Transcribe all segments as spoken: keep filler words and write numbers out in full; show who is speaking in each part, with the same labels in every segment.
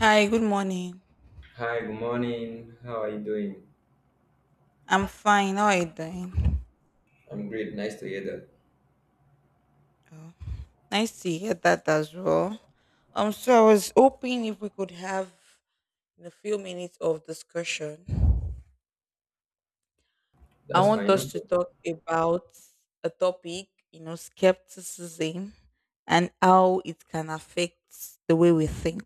Speaker 1: Hi, good morning.
Speaker 2: Hi, good morning. How are you doing?
Speaker 1: I'm fine. How are you doing?
Speaker 2: I'm great. Nice to hear that.
Speaker 1: Oh, nice to hear that as well. Um, so I was hoping if we could have a few minutes of discussion. I
Speaker 2: That's
Speaker 1: want
Speaker 2: fine. No
Speaker 1: us to
Speaker 2: problem.
Speaker 1: talk about a topic, you know, skepticism and how it can affect the way we think.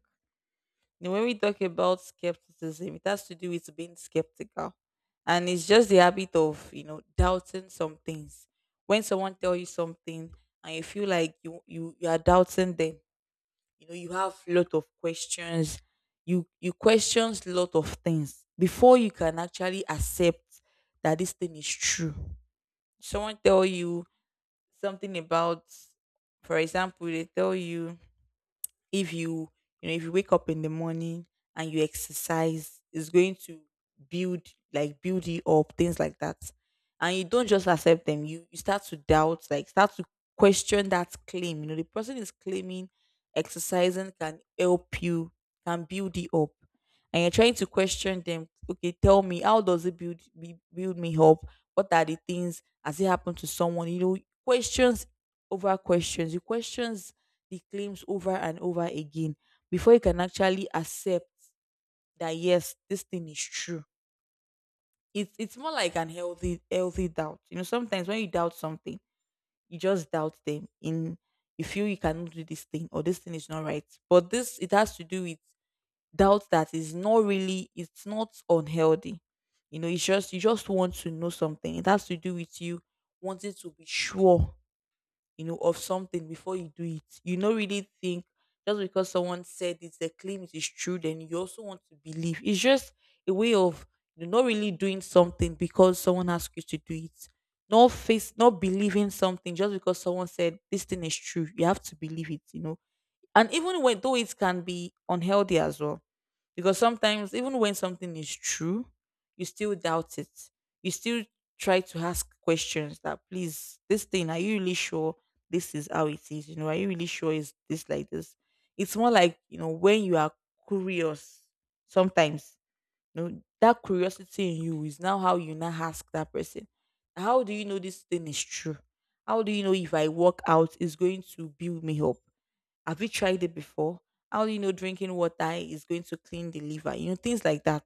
Speaker 1: Now, when we talk about skepticism, it has to do with being skeptical. And it's just the habit of, you know, doubting some things. When someone tell you something and you feel like you you, you are doubting them, you know, you have lot of questions. You you questions lot of things before you can actually accept that this thing is true. Someone tell you something about, for example, they tell you if you you know if you wake up in the morning and you exercise it's going to build like build you up things like that and you don't just accept them you you start to doubt like start to question that claim you know the person is claiming exercising can help you can build you up and you're trying to question them, okay, tell me how does it build be- build me up, what are the things, has it happened to someone you know? Questions over questions, you questions the claims over and over again before you can actually accept that, yes, this thing is true. It's it's more like an healthy healthy doubt. You know, sometimes when you doubt something, you just doubt them in you feel you cannot do this thing or this thing is not right. But this it has to do with doubt that is not really, it's not unhealthy. You know, it's just you just want to know something. It has to do with you wanting to be sure, you know, of something before you do it. You don't really think just because someone said it, the claim it is true, then you also want to believe. It's just a way of you not really doing something because someone asked you to do it. Not face, not believing something just because someone said this thing is true. You have to believe it, you know, and even when though it can be unhealthy as well, because sometimes even when something is true, you still doubt it. You still try to ask questions that please, this thing, are you really sure this is how it is? You know, are you really sure is this like this? It's more like, you know, when you are curious, sometimes, you know, that curiosity in you is now how you now ask that person. How do you know this thing is true? How do you know if I walk out is going to build me up? Have you tried it before? How do you know drinking water is going to clean the liver? You know, things like that.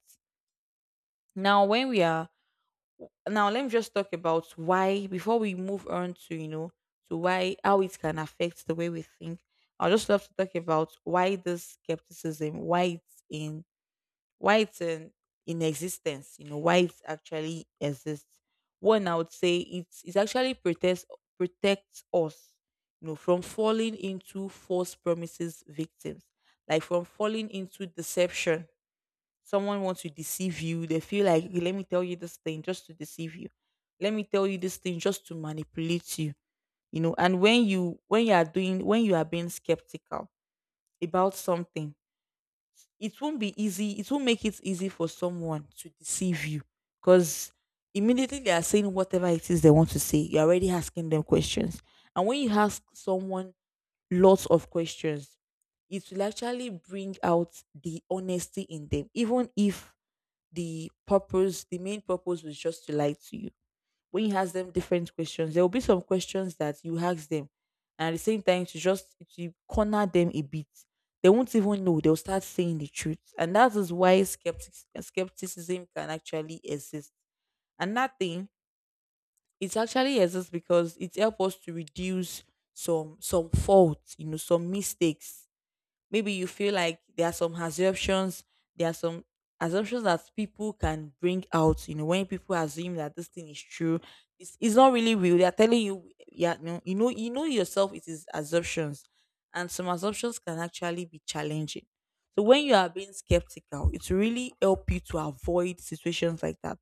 Speaker 1: Now, when we are Now, let me just talk about why, before we move on to, you know, to why how it can affect the way we think. I would just love to talk about why this skepticism, why it's in, why it's in, in existence, you know, why it actually exists. One, I would say it's, it actually protects, protects us, you know, from falling into false promises victims, like from falling into deception. Someone wants to deceive you. They feel like, "Okay, let me tell you this thing just to deceive you. Let me tell you this thing just to manipulate you. You know, and when you when you are doing when you are being skeptical about something, it won't be easy it won't make it easy for someone to deceive you, because immediately they are saying whatever it is they want to say, you're already asking them questions. And when you ask someone lots of questions, it will actually bring out the honesty in them. Even if the purpose the main purpose was just to lie to you, when you ask them different questions, there will be some questions that you ask them, and at the same time to just to corner them a bit. They won't even know. They'll start saying the truth, and that is why skeptics, skepticism can actually exist. And that thing, it actually exists because it helps us to reduce some some faults, you know, some mistakes. Maybe you feel like there are some assumptions, there are some assumptions that people can bring out. You know, when people assume that this thing is true, it's, it's not really real. They are telling you, yeah, no, you know, you know yourself. It is assumptions, and some assumptions can actually be challenging. So when you are being skeptical, it will really help you to avoid situations like that.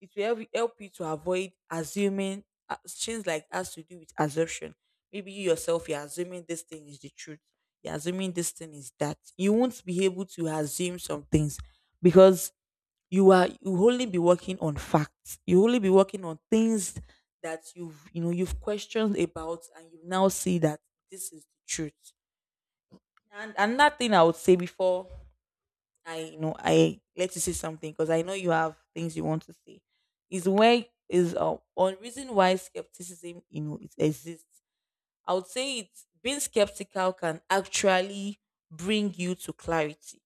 Speaker 1: It will help, help you to avoid assuming uh, things like has to do with assumption. Maybe you yourself, you're assuming this thing is the truth. You're assuming this thing is that. You won't be able to assume some things because you are you only be working on facts. You only be working on things that you've, you know, you've questioned about, and you now see that this is the truth. And another thing I would say before I, you know, I let you say something, because I know you have things you want to say. Is where is uh, one reason why skepticism, you know, it exists. I would say it's being skeptical can actually bring you to clarity.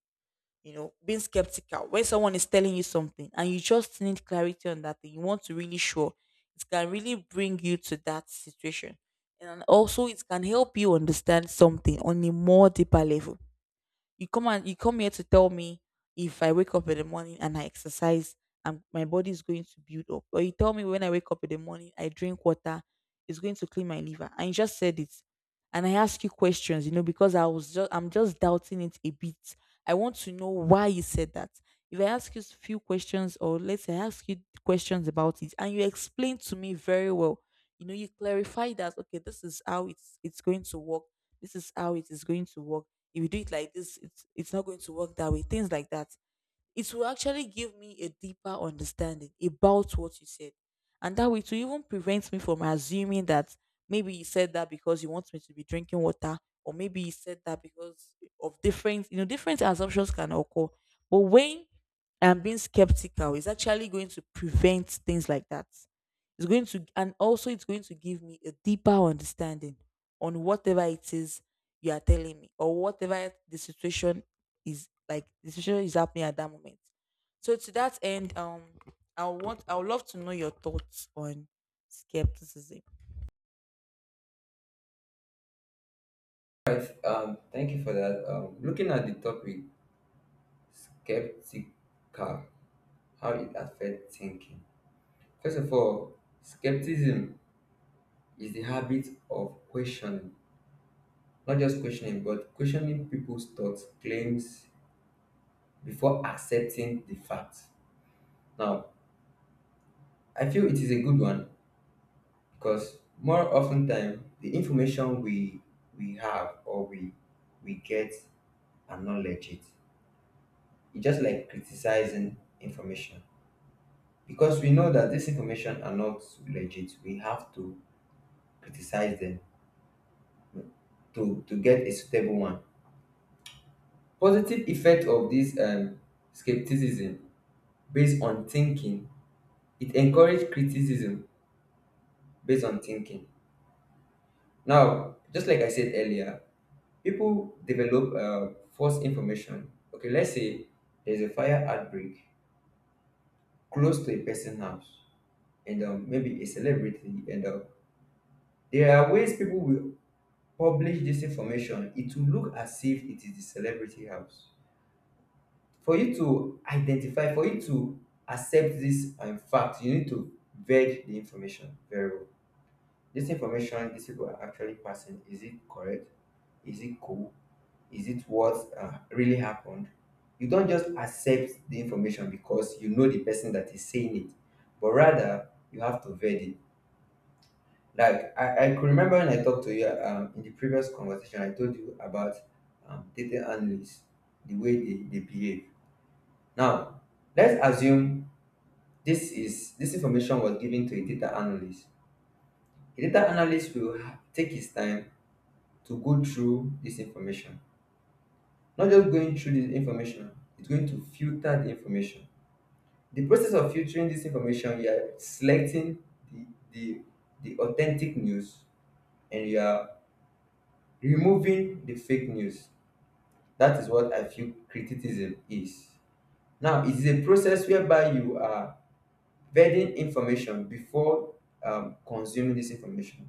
Speaker 1: You know, being skeptical when someone is telling you something and you just need clarity on that thing, you want to really sure, it can really bring you to that situation, and also it can help you understand something on a more deeper level. You come and you come here to tell me if I wake up in the morning and I exercise, and my body is going to build up, or you tell me when I wake up in the morning I drink water, it's going to clean my liver, and you just said it, and I ask you questions, you know, because I was just I'm just doubting it a bit. I want to know why you said that. If I ask you a few questions, or let's say I ask you questions about it, and you explain to me very well, you know, you clarify that, okay, this is how it's it's going to work. This is how it is going to work. If you do it like this, it's it's not going to work that way. Things like that, it will actually give me a deeper understanding about what you said. And that way, to even prevent me from assuming that maybe you said that because you want me to be drinking water, or maybe you said that because of different, you know, different assumptions can occur. But when I'm being skeptical, it's actually going to prevent things like that. It's going to, and also it's going to give me a deeper understanding on whatever it is you are telling me, or whatever the situation is like the situation is happening at that moment. So to that end, um, I want I would love to know your thoughts on skepticism.
Speaker 2: Right. Um, thank you for that. Um, looking at the topic, skeptical, how it affects thinking. First of all, skepticism is the habit of questioning, not just questioning, but questioning people's thoughts, claims before accepting the facts. Now, I feel it is a good one because more often time the information we we have or we we get and not legit. It's just like criticizing information. Because we know that this information are not legit, we have to criticize them to, to get a suitable one. Positive effect of this um, skepticism based on thinking, it encouraged criticism based on thinking. Now, just like I said earlier, people develop uh, false information. Okay, let's say there's a fire outbreak close to a person's house and um, maybe a celebrity, and um, there are ways people will publish this information. It will look as if it is the celebrity house. For you to identify, for you to accept this um, fact, you need to vet the information very well. This information these people are actually passing, is it correct? Is it cool? Is it what uh, really happened? You don't just accept the information because you know the person that is saying it, but rather you have to vet it. Like I, I could remember when I talked to you um, in the previous conversation, I told you about um, data analysts, the way they, they behave. Now, let's assume this is this information was given to a data analyst. A data analyst will ha- take his time to go through this information. Not just going through this information, it's going to filter the information. The process of filtering this information, you are selecting the, the, the authentic news, and you are removing the fake news. That is what I feel criticism is. Now, it is a process whereby you are vetting information before um, consuming this information.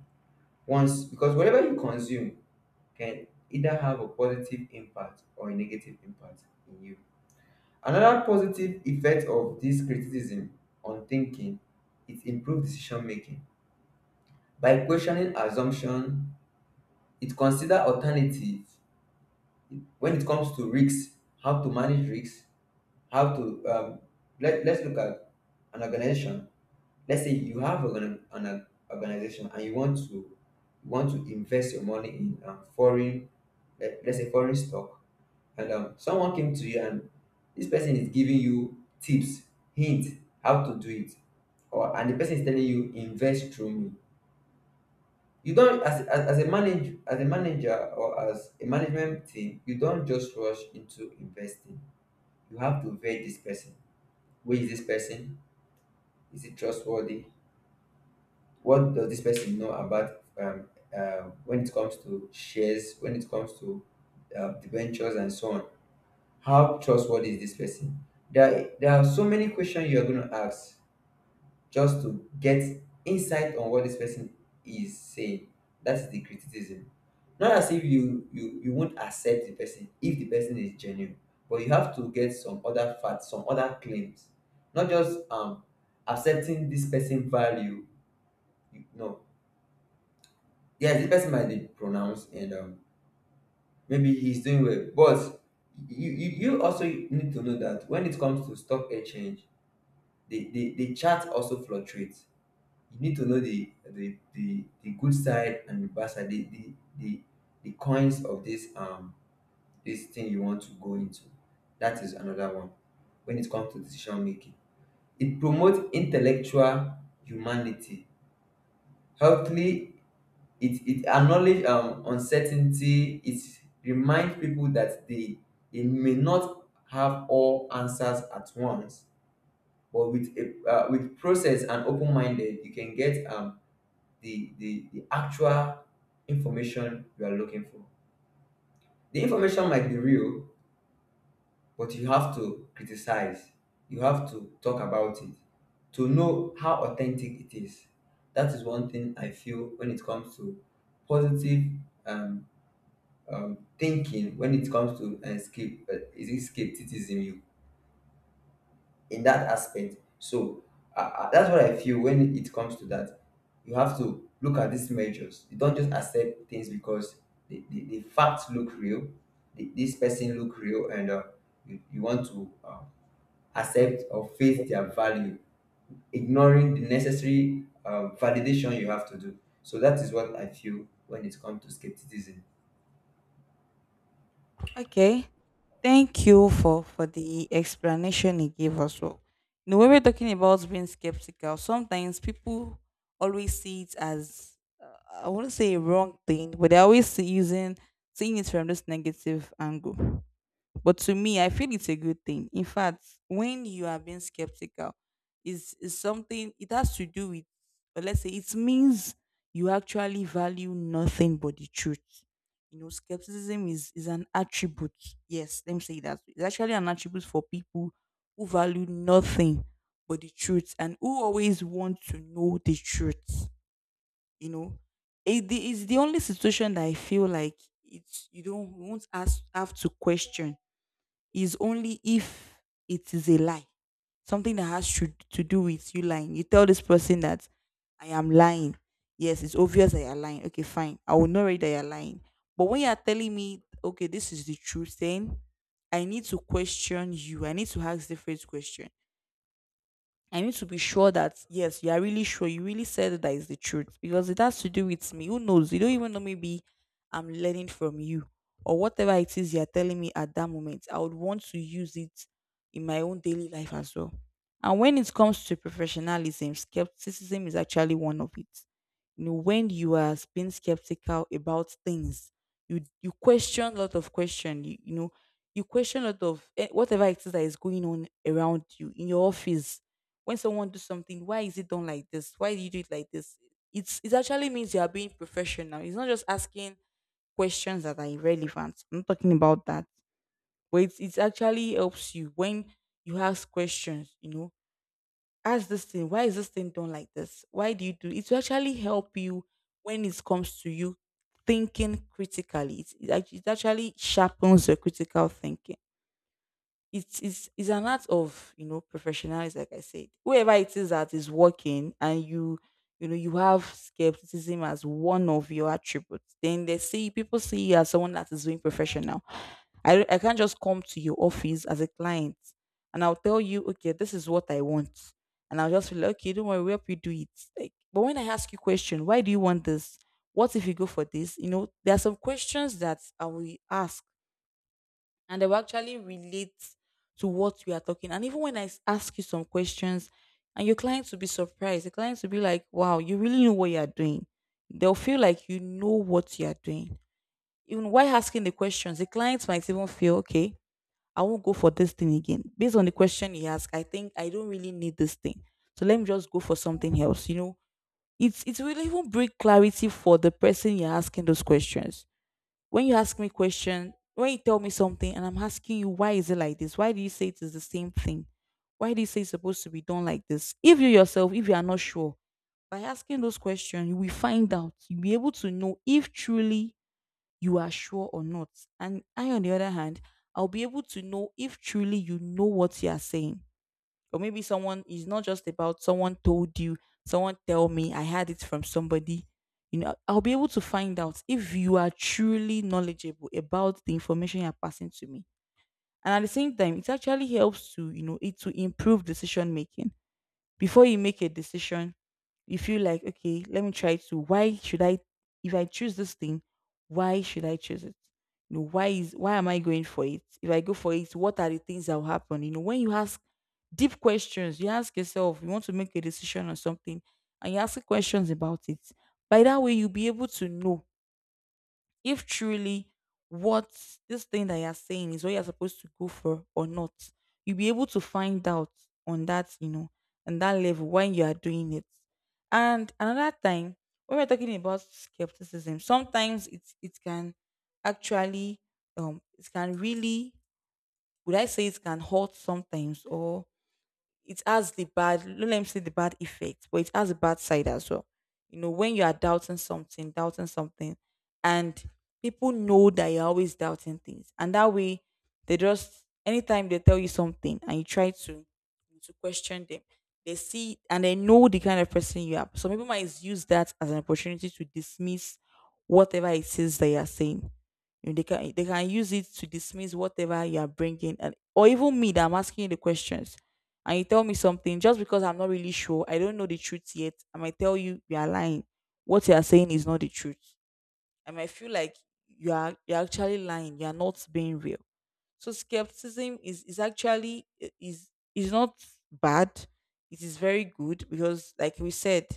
Speaker 2: Once, because whatever you consume can either have a positive impact or a negative impact in you. Another positive effect of this criticism on thinking is improved decision making. By questioning assumption, it consider alternative when it comes to risks, how to manage risks, how to um, let, let's look at an organization. Let's say you have an, an organization and you want to you want to invest your money in um, foreign, let, let's say foreign stock, and um, someone came to you, and this person is giving you tips, hint, how to do it, or and the person is telling you invest through me. You don't, as, as, as a manager as a manager or as a management team, you don't just rush into investing. You have to vet this person. Who is this person? Is it trustworthy? What does this person know about um, uh, when it comes to shares, when it comes to uh, ventures and so on? How trustworthy is this person? There, there are so many questions you are going to ask just to get insight on what this person is saying. That's the criticism. Not as if you, you, you won't accept the person if the person is genuine, but you have to get some other facts, some other claims, not just um, accepting this person value. No, yes, the person might be pronounced and um, maybe he's doing well, but you, you you also need to know that when it comes to stock exchange, the the, the chart also fluctuates. You need to know the the the, the good side and the bad side, the, the the the coins of this um this thing you want to go into. That is another one. When it comes to decision making, it promotes intellectual humanity healthily. It it acknowledge um uncertainty. It reminds people that they they may not have all answers at once, but with a uh, with process and open minded, you can get um the, the the actual information you are looking for. The information might be real, but you have to criticize. You have to talk about it to know how authentic it is. That is one thing I feel when it comes to positive um, um, thinking. When it comes to escape uh, is it skepticism you in that aspect? So uh, uh, that's what I feel when it comes to that. You have to look at these measures. You don't just accept things because the, the, the facts look real, the, this person look real, and uh, you, you want to uh, accept or face their value, ignoring the necessary um, validation you have to do. So that is what I feel when it comes to skepticism.
Speaker 1: Okay. Thank you for for the explanation he gave us. Well, you know, when we're talking about being skeptical, sometimes people always see it as uh, I want to say a wrong thing, but they always see using seeing it from this negative angle. But to me, I feel it's a good thing. In fact, when you are being skeptical, is is something it has to do with, or let's say, it means you actually value nothing but the truth. You know, skepticism is, is an attribute. Yes, let me say that. It's actually an attribute for people who value nothing but the truth and who always want to know the truth. You know, it, the- it's the only situation that I feel like it's you don't, you won't ask, have to question, is only if it is a lie, something that has to, to do with you lying. You tell this person that I am lying. Yes, it's obvious that you're lying. Okay, fine. I will not read that you're lying. But when you're telling me, okay, this is the truth, then I need to question you. I need to ask different questions. I need to be sure that, yes, you are really sure you really said that is the truth, because it has to do with me. Who knows? You don't even know, maybe I'm learning from you, or whatever it is you're telling me at that moment. I would want to use it in my own daily life as well. And when it comes to professionalism, skepticism is actually one of it. You know, when you are being skeptical about things, you you question a lot of question. You, you know, you question a lot of eh, whatever it is that is going on around you in your office when someone does something. Why is it done like this? Why do you do it like this? It's it actually means you are being professional. It's not just asking questions that are irrelevant. I'm not talking about that. But it's, it actually helps you when you ask questions, you know, ask this thing, why is this thing done like this? Why do you do it? Will actually help you when it comes to you thinking critically. It, it, act- it actually sharpens your critical thinking. It is is an art of, you know, professionalism. Like I said, whoever it is that is working, and you you know you have skepticism as one of your attributes, then they see people see you as someone that is doing professional. I, I can't just come to your office as a client and I'll tell you, okay, this is what I want, and I'll just feel like, okay, don't worry, we'll help you do it. Like, but when I ask you question, why do you want this, what if you go for this, you know, there are some questions that I will ask and they will actually relate to what we are talking. And even when I s- ask you some questions, and your clients will be surprised, the clients will be like, "Wow, you really know what you are doing." They'll feel like you know what you are doing. Even while asking the questions, the clients might even feel, "Okay, I won't go for this thing again. Based on the question he asked, I think I don't really need this thing, so let me just go for something else." You know, it's it will even bring clarity for the person you're asking those questions. When you ask me question, when you tell me something, and I'm asking you, why is it like this? Why do you say it? Is the same thing. Why do you say it's supposed to be done like this, if you yourself, if you are not sure? By asking those questions, you will find out, you'll be able to know if truly you are sure or not. And I, on the other hand, I'll be able to know if truly you know what you are saying, or maybe someone is not just about someone told you, someone tell me, I had it from somebody. You know, I'll be able to find out if you are truly knowledgeable about the information you're passing to me. And at the same time, it actually helps to, you know, it to improve decision making. Before you make a decision, you feel like, okay, let me try to, why should I, if I choose this thing, why should I choose it, you know, why is, why am I going for it, if I go for it, what are the things that will happen? You know, when you ask deep questions, you ask yourself, you want to make a decision on something, and you ask questions about it. By that way, you'll be able to know if truly what this thing that you're saying is what you're supposed to go for or not. You'll be able to find out on that, you know, on that level when you are doing it. And another time, when we're talking about skepticism, sometimes it it can actually, um it can really, would I say it can hurt sometimes, or it has the bad, no, let me say, the bad effect, but it has a bad side as well. You know, when you are doubting something, doubting something, and people know that you're always doubting things, and that way they just, anytime they tell you something and you try to to question them, they see and they know the kind of person you are, so people might use that as an opportunity to dismiss whatever it is that you are saying. You know, they can, they can use it to dismiss whatever you are bringing. And or even me that I'm asking you the questions, and you tell me something, just because I'm not really sure, I don't know the truth yet, I might tell you, you are lying. What you are saying is not the truth. I might feel like you are you're actually lying. You are not being real. So skepticism is is actually, i- is is not bad. It is very good because, like we said,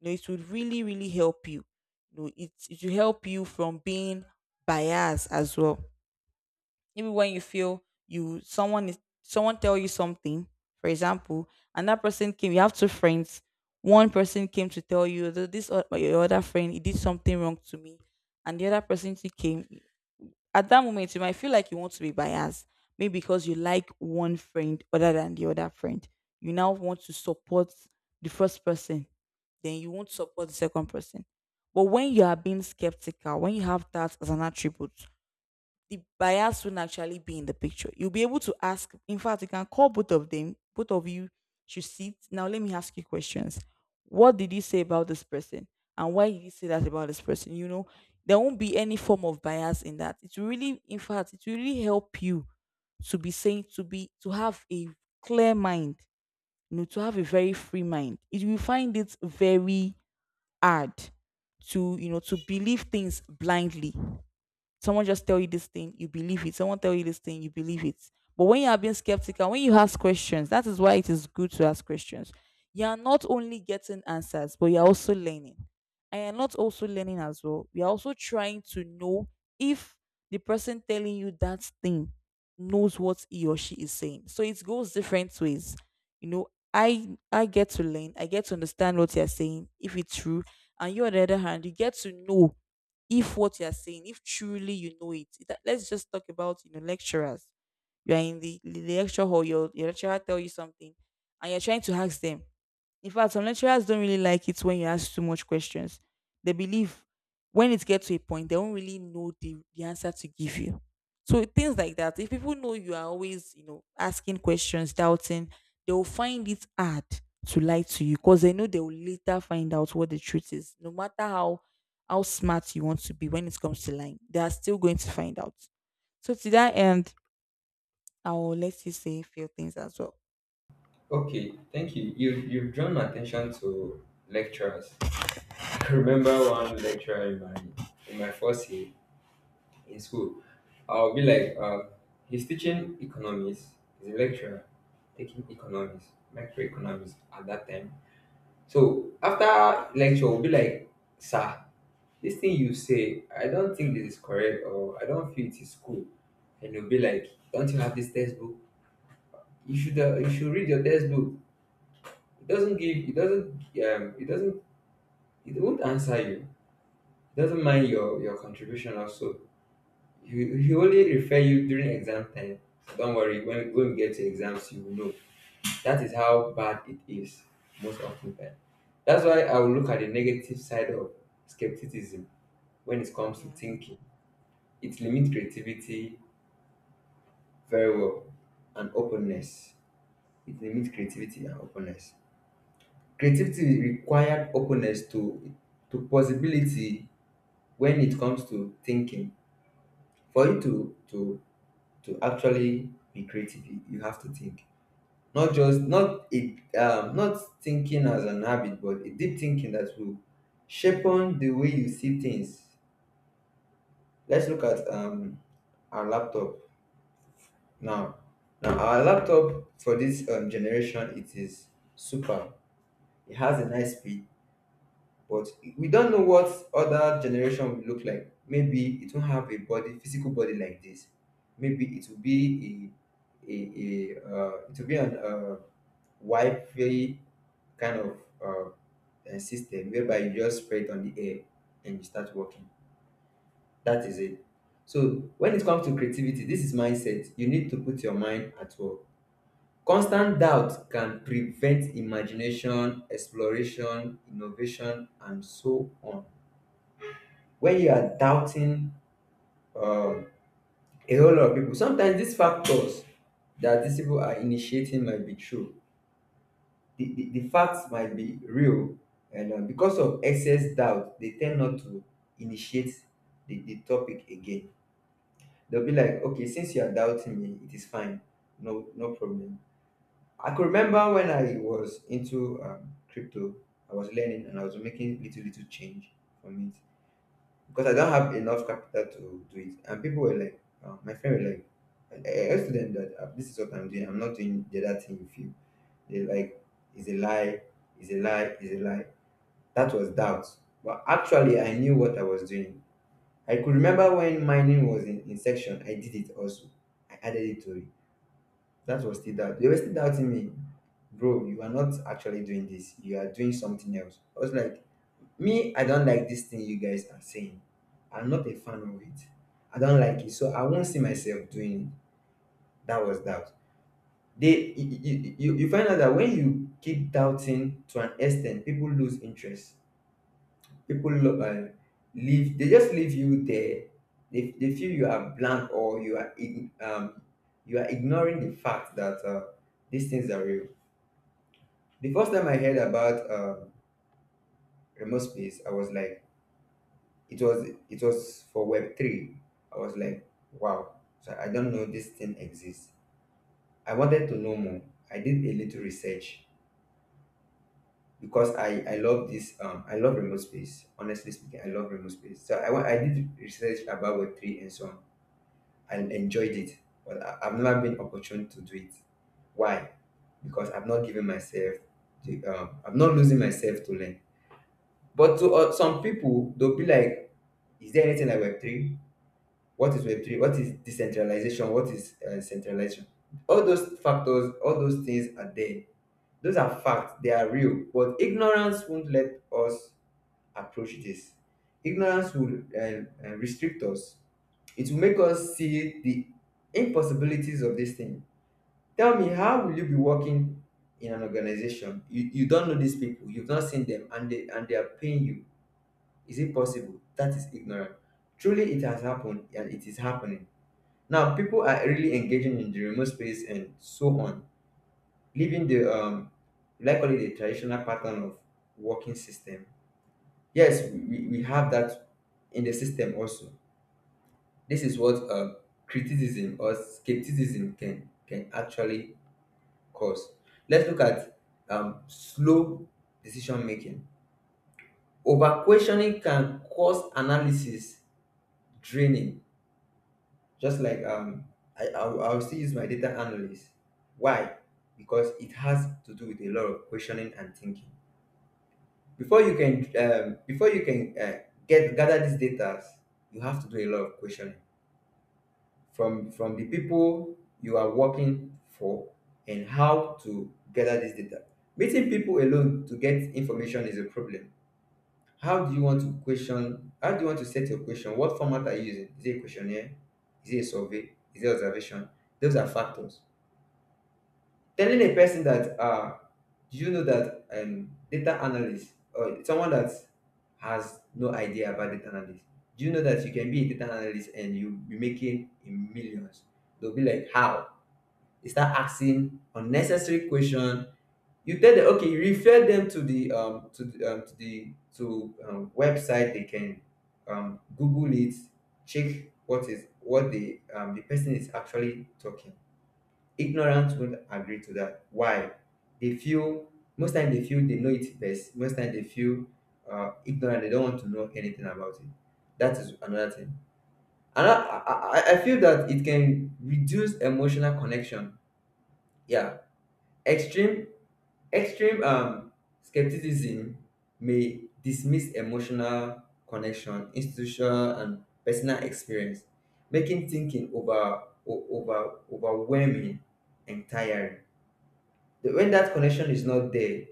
Speaker 1: you know, it would really really help you. You know, it it will help you from being biased as well. Maybe when you feel you someone is, someone tell you something, for example, and that person came. You have two friends. One person came to tell you that, this o- your other friend, he did something wrong to me, and the other person too came. At that moment, you might feel like you want to be biased, maybe because you like one friend other than the other friend. You now want to support the first person, then you won't support the second person. But when you are being skeptical, when you have that as an attribute, the bias won't actually be in the picture. You'll be able to ask. In fact, you can call both of them. Both of you should sit. Now, let me ask you questions. What did he say about this person? And why did he say that about this person? You know, there won't be any form of bias in that. It will really, in fact, it will really help you to be saying, to be, to have a clear mind, you know, to have a very free mind. It will find it very hard to, you know, to believe things blindly. Someone just tell you this thing, you believe it. Someone tell you this thing, you believe it. But when you are being skeptical, when you ask questions, that is why it is good to ask questions. You are not only getting answers, but you are also learning. And you're not also learning as well. You are also trying to know if the person telling you that thing knows what he or she is saying. So it goes different ways. You know, I I get to learn, I get to understand what you're saying, if it's true. And you, on the other hand, you get to know if what you're saying, if truly you know it, that, let's just talk about, you know, lecturers. You are in the, the lecture hall, your, your lecturer tell you something, and you're trying to ask them. In fact, some lecturers don't really like it when you ask too much questions. They believe when it gets to a point, they don't really know the, the answer to give you. So things like that. If people know you are always, you know, asking questions, doubting, they will find it hard to lie to you because they know they will later find out what the truth is. No matter how how smart you want to be when it comes to lying, they are still going to find out. So to that end, I'll let you say a few things as well.
Speaker 2: Okay, thank you. You you've drawn my attention to lecturers. I remember one lecturer in my in my first year in school. I'll be like, uh, he's teaching economics. He's a lecturer taking economics, macroeconomics at that time. So after lecture, we'll be like, sir, this thing you say, I don't think this is correct, or I don't feel it is cool. And you'll be like, don't you have this textbook? You should uh, you should read your textbook. It doesn't give it doesn't um it doesn't it won't answer you. It doesn't mind your your contribution also. He, he only refer you during exam time. So don't worry, when, when we get to exams you will know. That is how bad it is most often time. That's why I will look at the negative side of skepticism when it comes to
Speaker 1: Yes.
Speaker 2: thinking. It limits creativity, very well, and openness. It limits creativity and openness. Creativity required openness to to possibility. When it comes to thinking, for you to to to actually be creative, you you have to think, not just, not it, um not thinking as an habit, but a deep thinking that will shape on the way you see things. Let's look at um our laptop now. Now, our laptop for this um, generation, it is super. It has a nice speed. But we don't know what other generation will look like. Maybe it won't have a body, physical body like this. Maybe it will be a, a, a uh, it will be an uh, wifey kind of uh, uh, system whereby you just spread it on the air and you start working. That is it. So when it comes to creativity, this is mindset. You need to put your mind at work. Constant doubt can prevent imagination, exploration, innovation, and so on. When you are doubting um, a whole lot of people, sometimes these factors that these people are initiating might be true. The, the, the facts might be real, and uh, because of excess doubt, they tend not to initiate the, the topic again. They'll be like, okay, since you are doubting me, it is fine, no, no problem. I could remember when I was into um, crypto. I was learning and I was making little, little change from it, because I don't have enough capital to do it. And people were like, uh, my friend were like, I, I I told them that uh, this is what I'm doing. I'm not doing the other thing with you. They like, it's a lie, it's a lie, it's a lie. That was doubt. But actually, I knew what I was doing. I could remember when mining was in, in section, I did it also. I added it to it. That was still doubt. They were still doubting me. Bro, you are not actually doing this. You are doing something else. I was like, me, I don't like this thing you guys are saying. I'm not a fan of it. I don't like it, so I won't see myself doing it. That was doubt. They, you, you, you you find out that when you keep doubting to an extent, people lose interest. People lo- uh, leave. They just leave you there. They, they feel you are blank, or you are ig- um, you are ignoring the fact that uh, these things are real. The first time I heard about uh, remote space, I was like, it was it was for web three. I was like, wow. So I don't know this thing exists. I wanted to know more. I did a little research, because i i love this um I love remote space, honestly speaking. I love remote space. So i wa- I did research about web three and so on. I enjoyed it. But I, i've never been opportune to do it. Why? Because I've not given myself the um I'm not losing myself to learn. But to uh, Some people, they'll be like, is there anything like web three? What is web three? What is decentralization? What is uh, centralization? All those factors, all those things are there. Those are facts. They are real, but ignorance won't let us approach this. Ignorance will um, uh, restrict us. It will make us see the impossibilities of this thing. Tell me, how will you be working in an organization? You, you don't know these people, you've not seen them, and they and they are paying you. Is it possible? That is ignorant. Truly it has happened and it is happening. Now, people are really engaging in the remote space and so on, leaving the um, likely the traditional pattern of working system. Yes, we, we we have that in the system also. This is what uh, criticism or skepticism can can actually cause. Let's look at um, slow decision making. Over questioning can cause analysis draining. Just like um, I, I'll, I'll still use my data analyst. Why? Because it has to do with a lot of questioning and thinking. Before you can um, before you can uh, get gather these data, you have to do a lot of questioning from from the people you are working for, and how to gather this data. Meeting people alone to get information is a problem. How do you want to question? How do you want to set your question? What format are you using? Is it a questionnaire? Is it a survey? Is it observation? Those are factors. Telling a person that, uh, do you know that um, data analyst or someone that has no idea about data analyst, do you know that you can be a data analyst and you'll be making in millions? They'll be like, how? They start asking unnecessary questions. You tell them, okay, you refer them to the um to the um, to the to um, website. They can um google it. Check what is what the um the person is actually talking. Ignorance won't agree to that. Why? They feel, most time they feel they know it best. Most time they feel uh ignorant. They don't want to know anything about it. That is another thing. And i i, I I feel that it can reduce emotional connection. Yeah. Extreme Extreme um, skepticism may dismiss emotional connection, institutional, and personal experience, making thinking over, o- over overwhelming and tiring. The- When that connection is not there,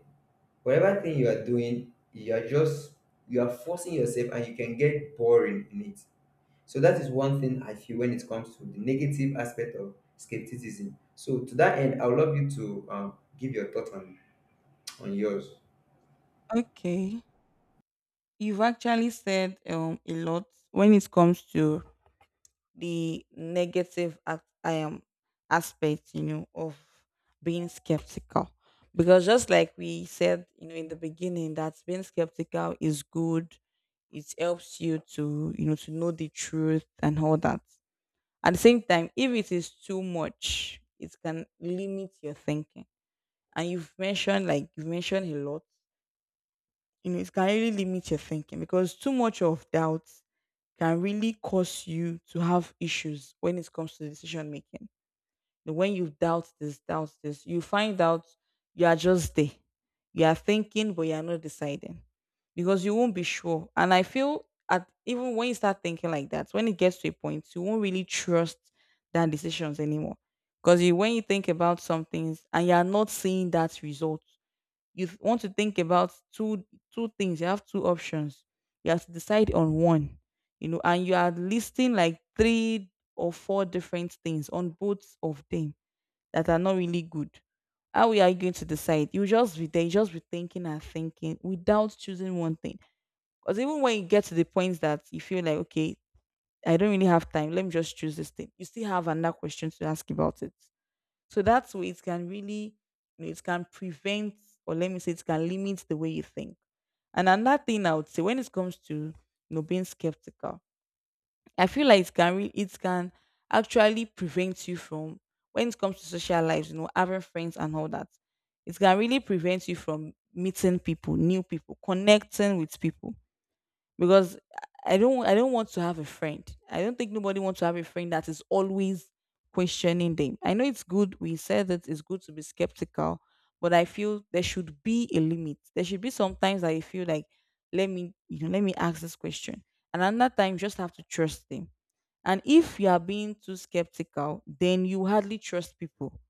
Speaker 2: whatever thing you are doing, you are just you are forcing yourself, and you can get boring in it. So that is one thing I feel when it comes to the negative aspect of skepticism. So to that end, I would love you to um, give your thought on on yours.
Speaker 1: Okay. You've actually said um a lot when it comes to the negative ac- um aspect, you know, of being skeptical. Because just like we said, you know, in the beginning, that being skeptical is good. It helps you to, you know, to know the truth and all that. At the same time, if it is too much, it can limit your thinking, and you've mentioned, like you've mentioned a lot, you know, it can really limit your thinking because too much of doubt can really cause you to have issues when it comes to decision making. You know, when you doubt this, doubt this, you find out you are just there, you are thinking but you are not deciding because you won't be sure. And I feel at even when you start thinking like that, when it gets to a point, you won't really trust that decisions anymore, because you, when you think about some things and you are not seeing that result, you th- want to think about two, two things you have, two options you have to decide on one, you know, and you are listing like three or four different things on both of them that are not really good. How are you going to decide? You just be there, you just be thinking and thinking without choosing one thing. Because even when you get to the point that you feel like, okay, I don't really have time, let me just choose this thing, you still have another question to ask about it. So that way, it can really, you know, it can prevent, or let me say, it can limit the way you think. And another thing I would say when it comes to, you know, being skeptical, I feel like it can really, it can actually prevent you from, when it comes to social lives, you know, having friends and all that. It can really prevent you from meeting people, new people, connecting with people, because I don't I don't want to have a friend. I don't think nobody wants to have a friend that is always questioning them. I know it's good. We said that it's good to be skeptical, but I feel there should be a limit. There should be sometimes that you feel like, let me, you know, let me ask this question. And another time, you just have to trust them. And if you are being too skeptical, then you hardly trust people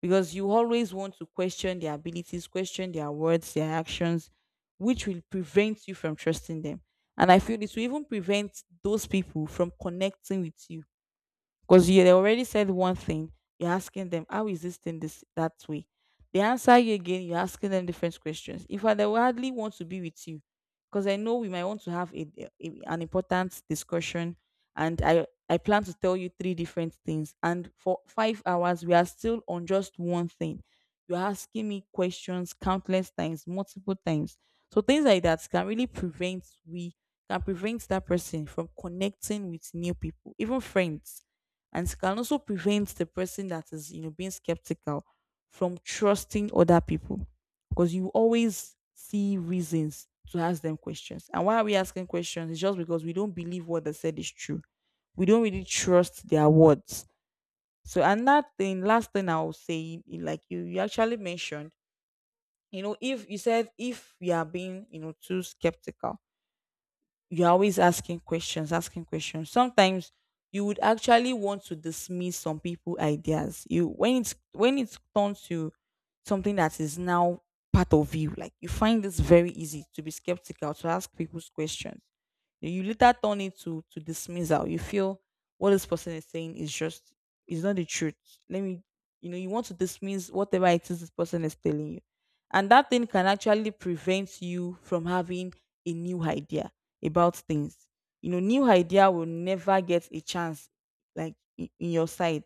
Speaker 1: because you always want to question their abilities, question their words, their actions, which will prevent you from trusting them. And I feel it will even prevent those people from connecting with you, because you, they already said one thing. You're asking them, how is this thing this that way? They answer you again, you're asking them different questions. In fact, they will hardly want to be with you. Because I know we might want to have a, a- an important discussion, and I, I plan to tell you three different things. And for five hours, we are still on just one thing. You're asking me questions countless times, multiple times. So things like that can really prevent we can prevent that person from connecting with new people, even friends. And it can also prevent the person that is, you know, being skeptical from trusting other people because you always see reasons to ask them questions. And why are we asking questions? It's just because we don't believe what they said is true. We don't really trust their words. So another thing, last thing I'll say, in- like you you actually mentioned, you know, if you said, if we are being, you know, too skeptical, you're always asking questions, asking questions. Sometimes you would actually want to dismiss some people' ideas. You, when it's when it's turned to something that is now part of you, like you find this very easy to be skeptical, to ask people's questions, You you later turn it to to dismissal. You feel what this person is saying is just is not the truth. Let me, you know, you want to dismiss whatever it is this person is telling you. And that thing can actually prevent you from having a new idea about things. You know, new idea will never get a chance, like in, in your side,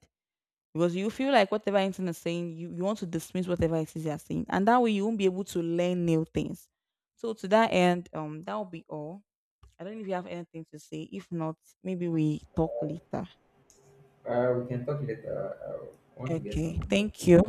Speaker 1: because you feel like whatever internet is saying, you, you want to dismiss whatever it is they're saying, and that way, you won't be able to learn new things. So to that end, um, that will be all. I don't know if you have anything to say. If not, maybe we talk later.
Speaker 2: Uh, we can talk later. I I want to get
Speaker 1: Okay,
Speaker 2: something.
Speaker 1: thank you.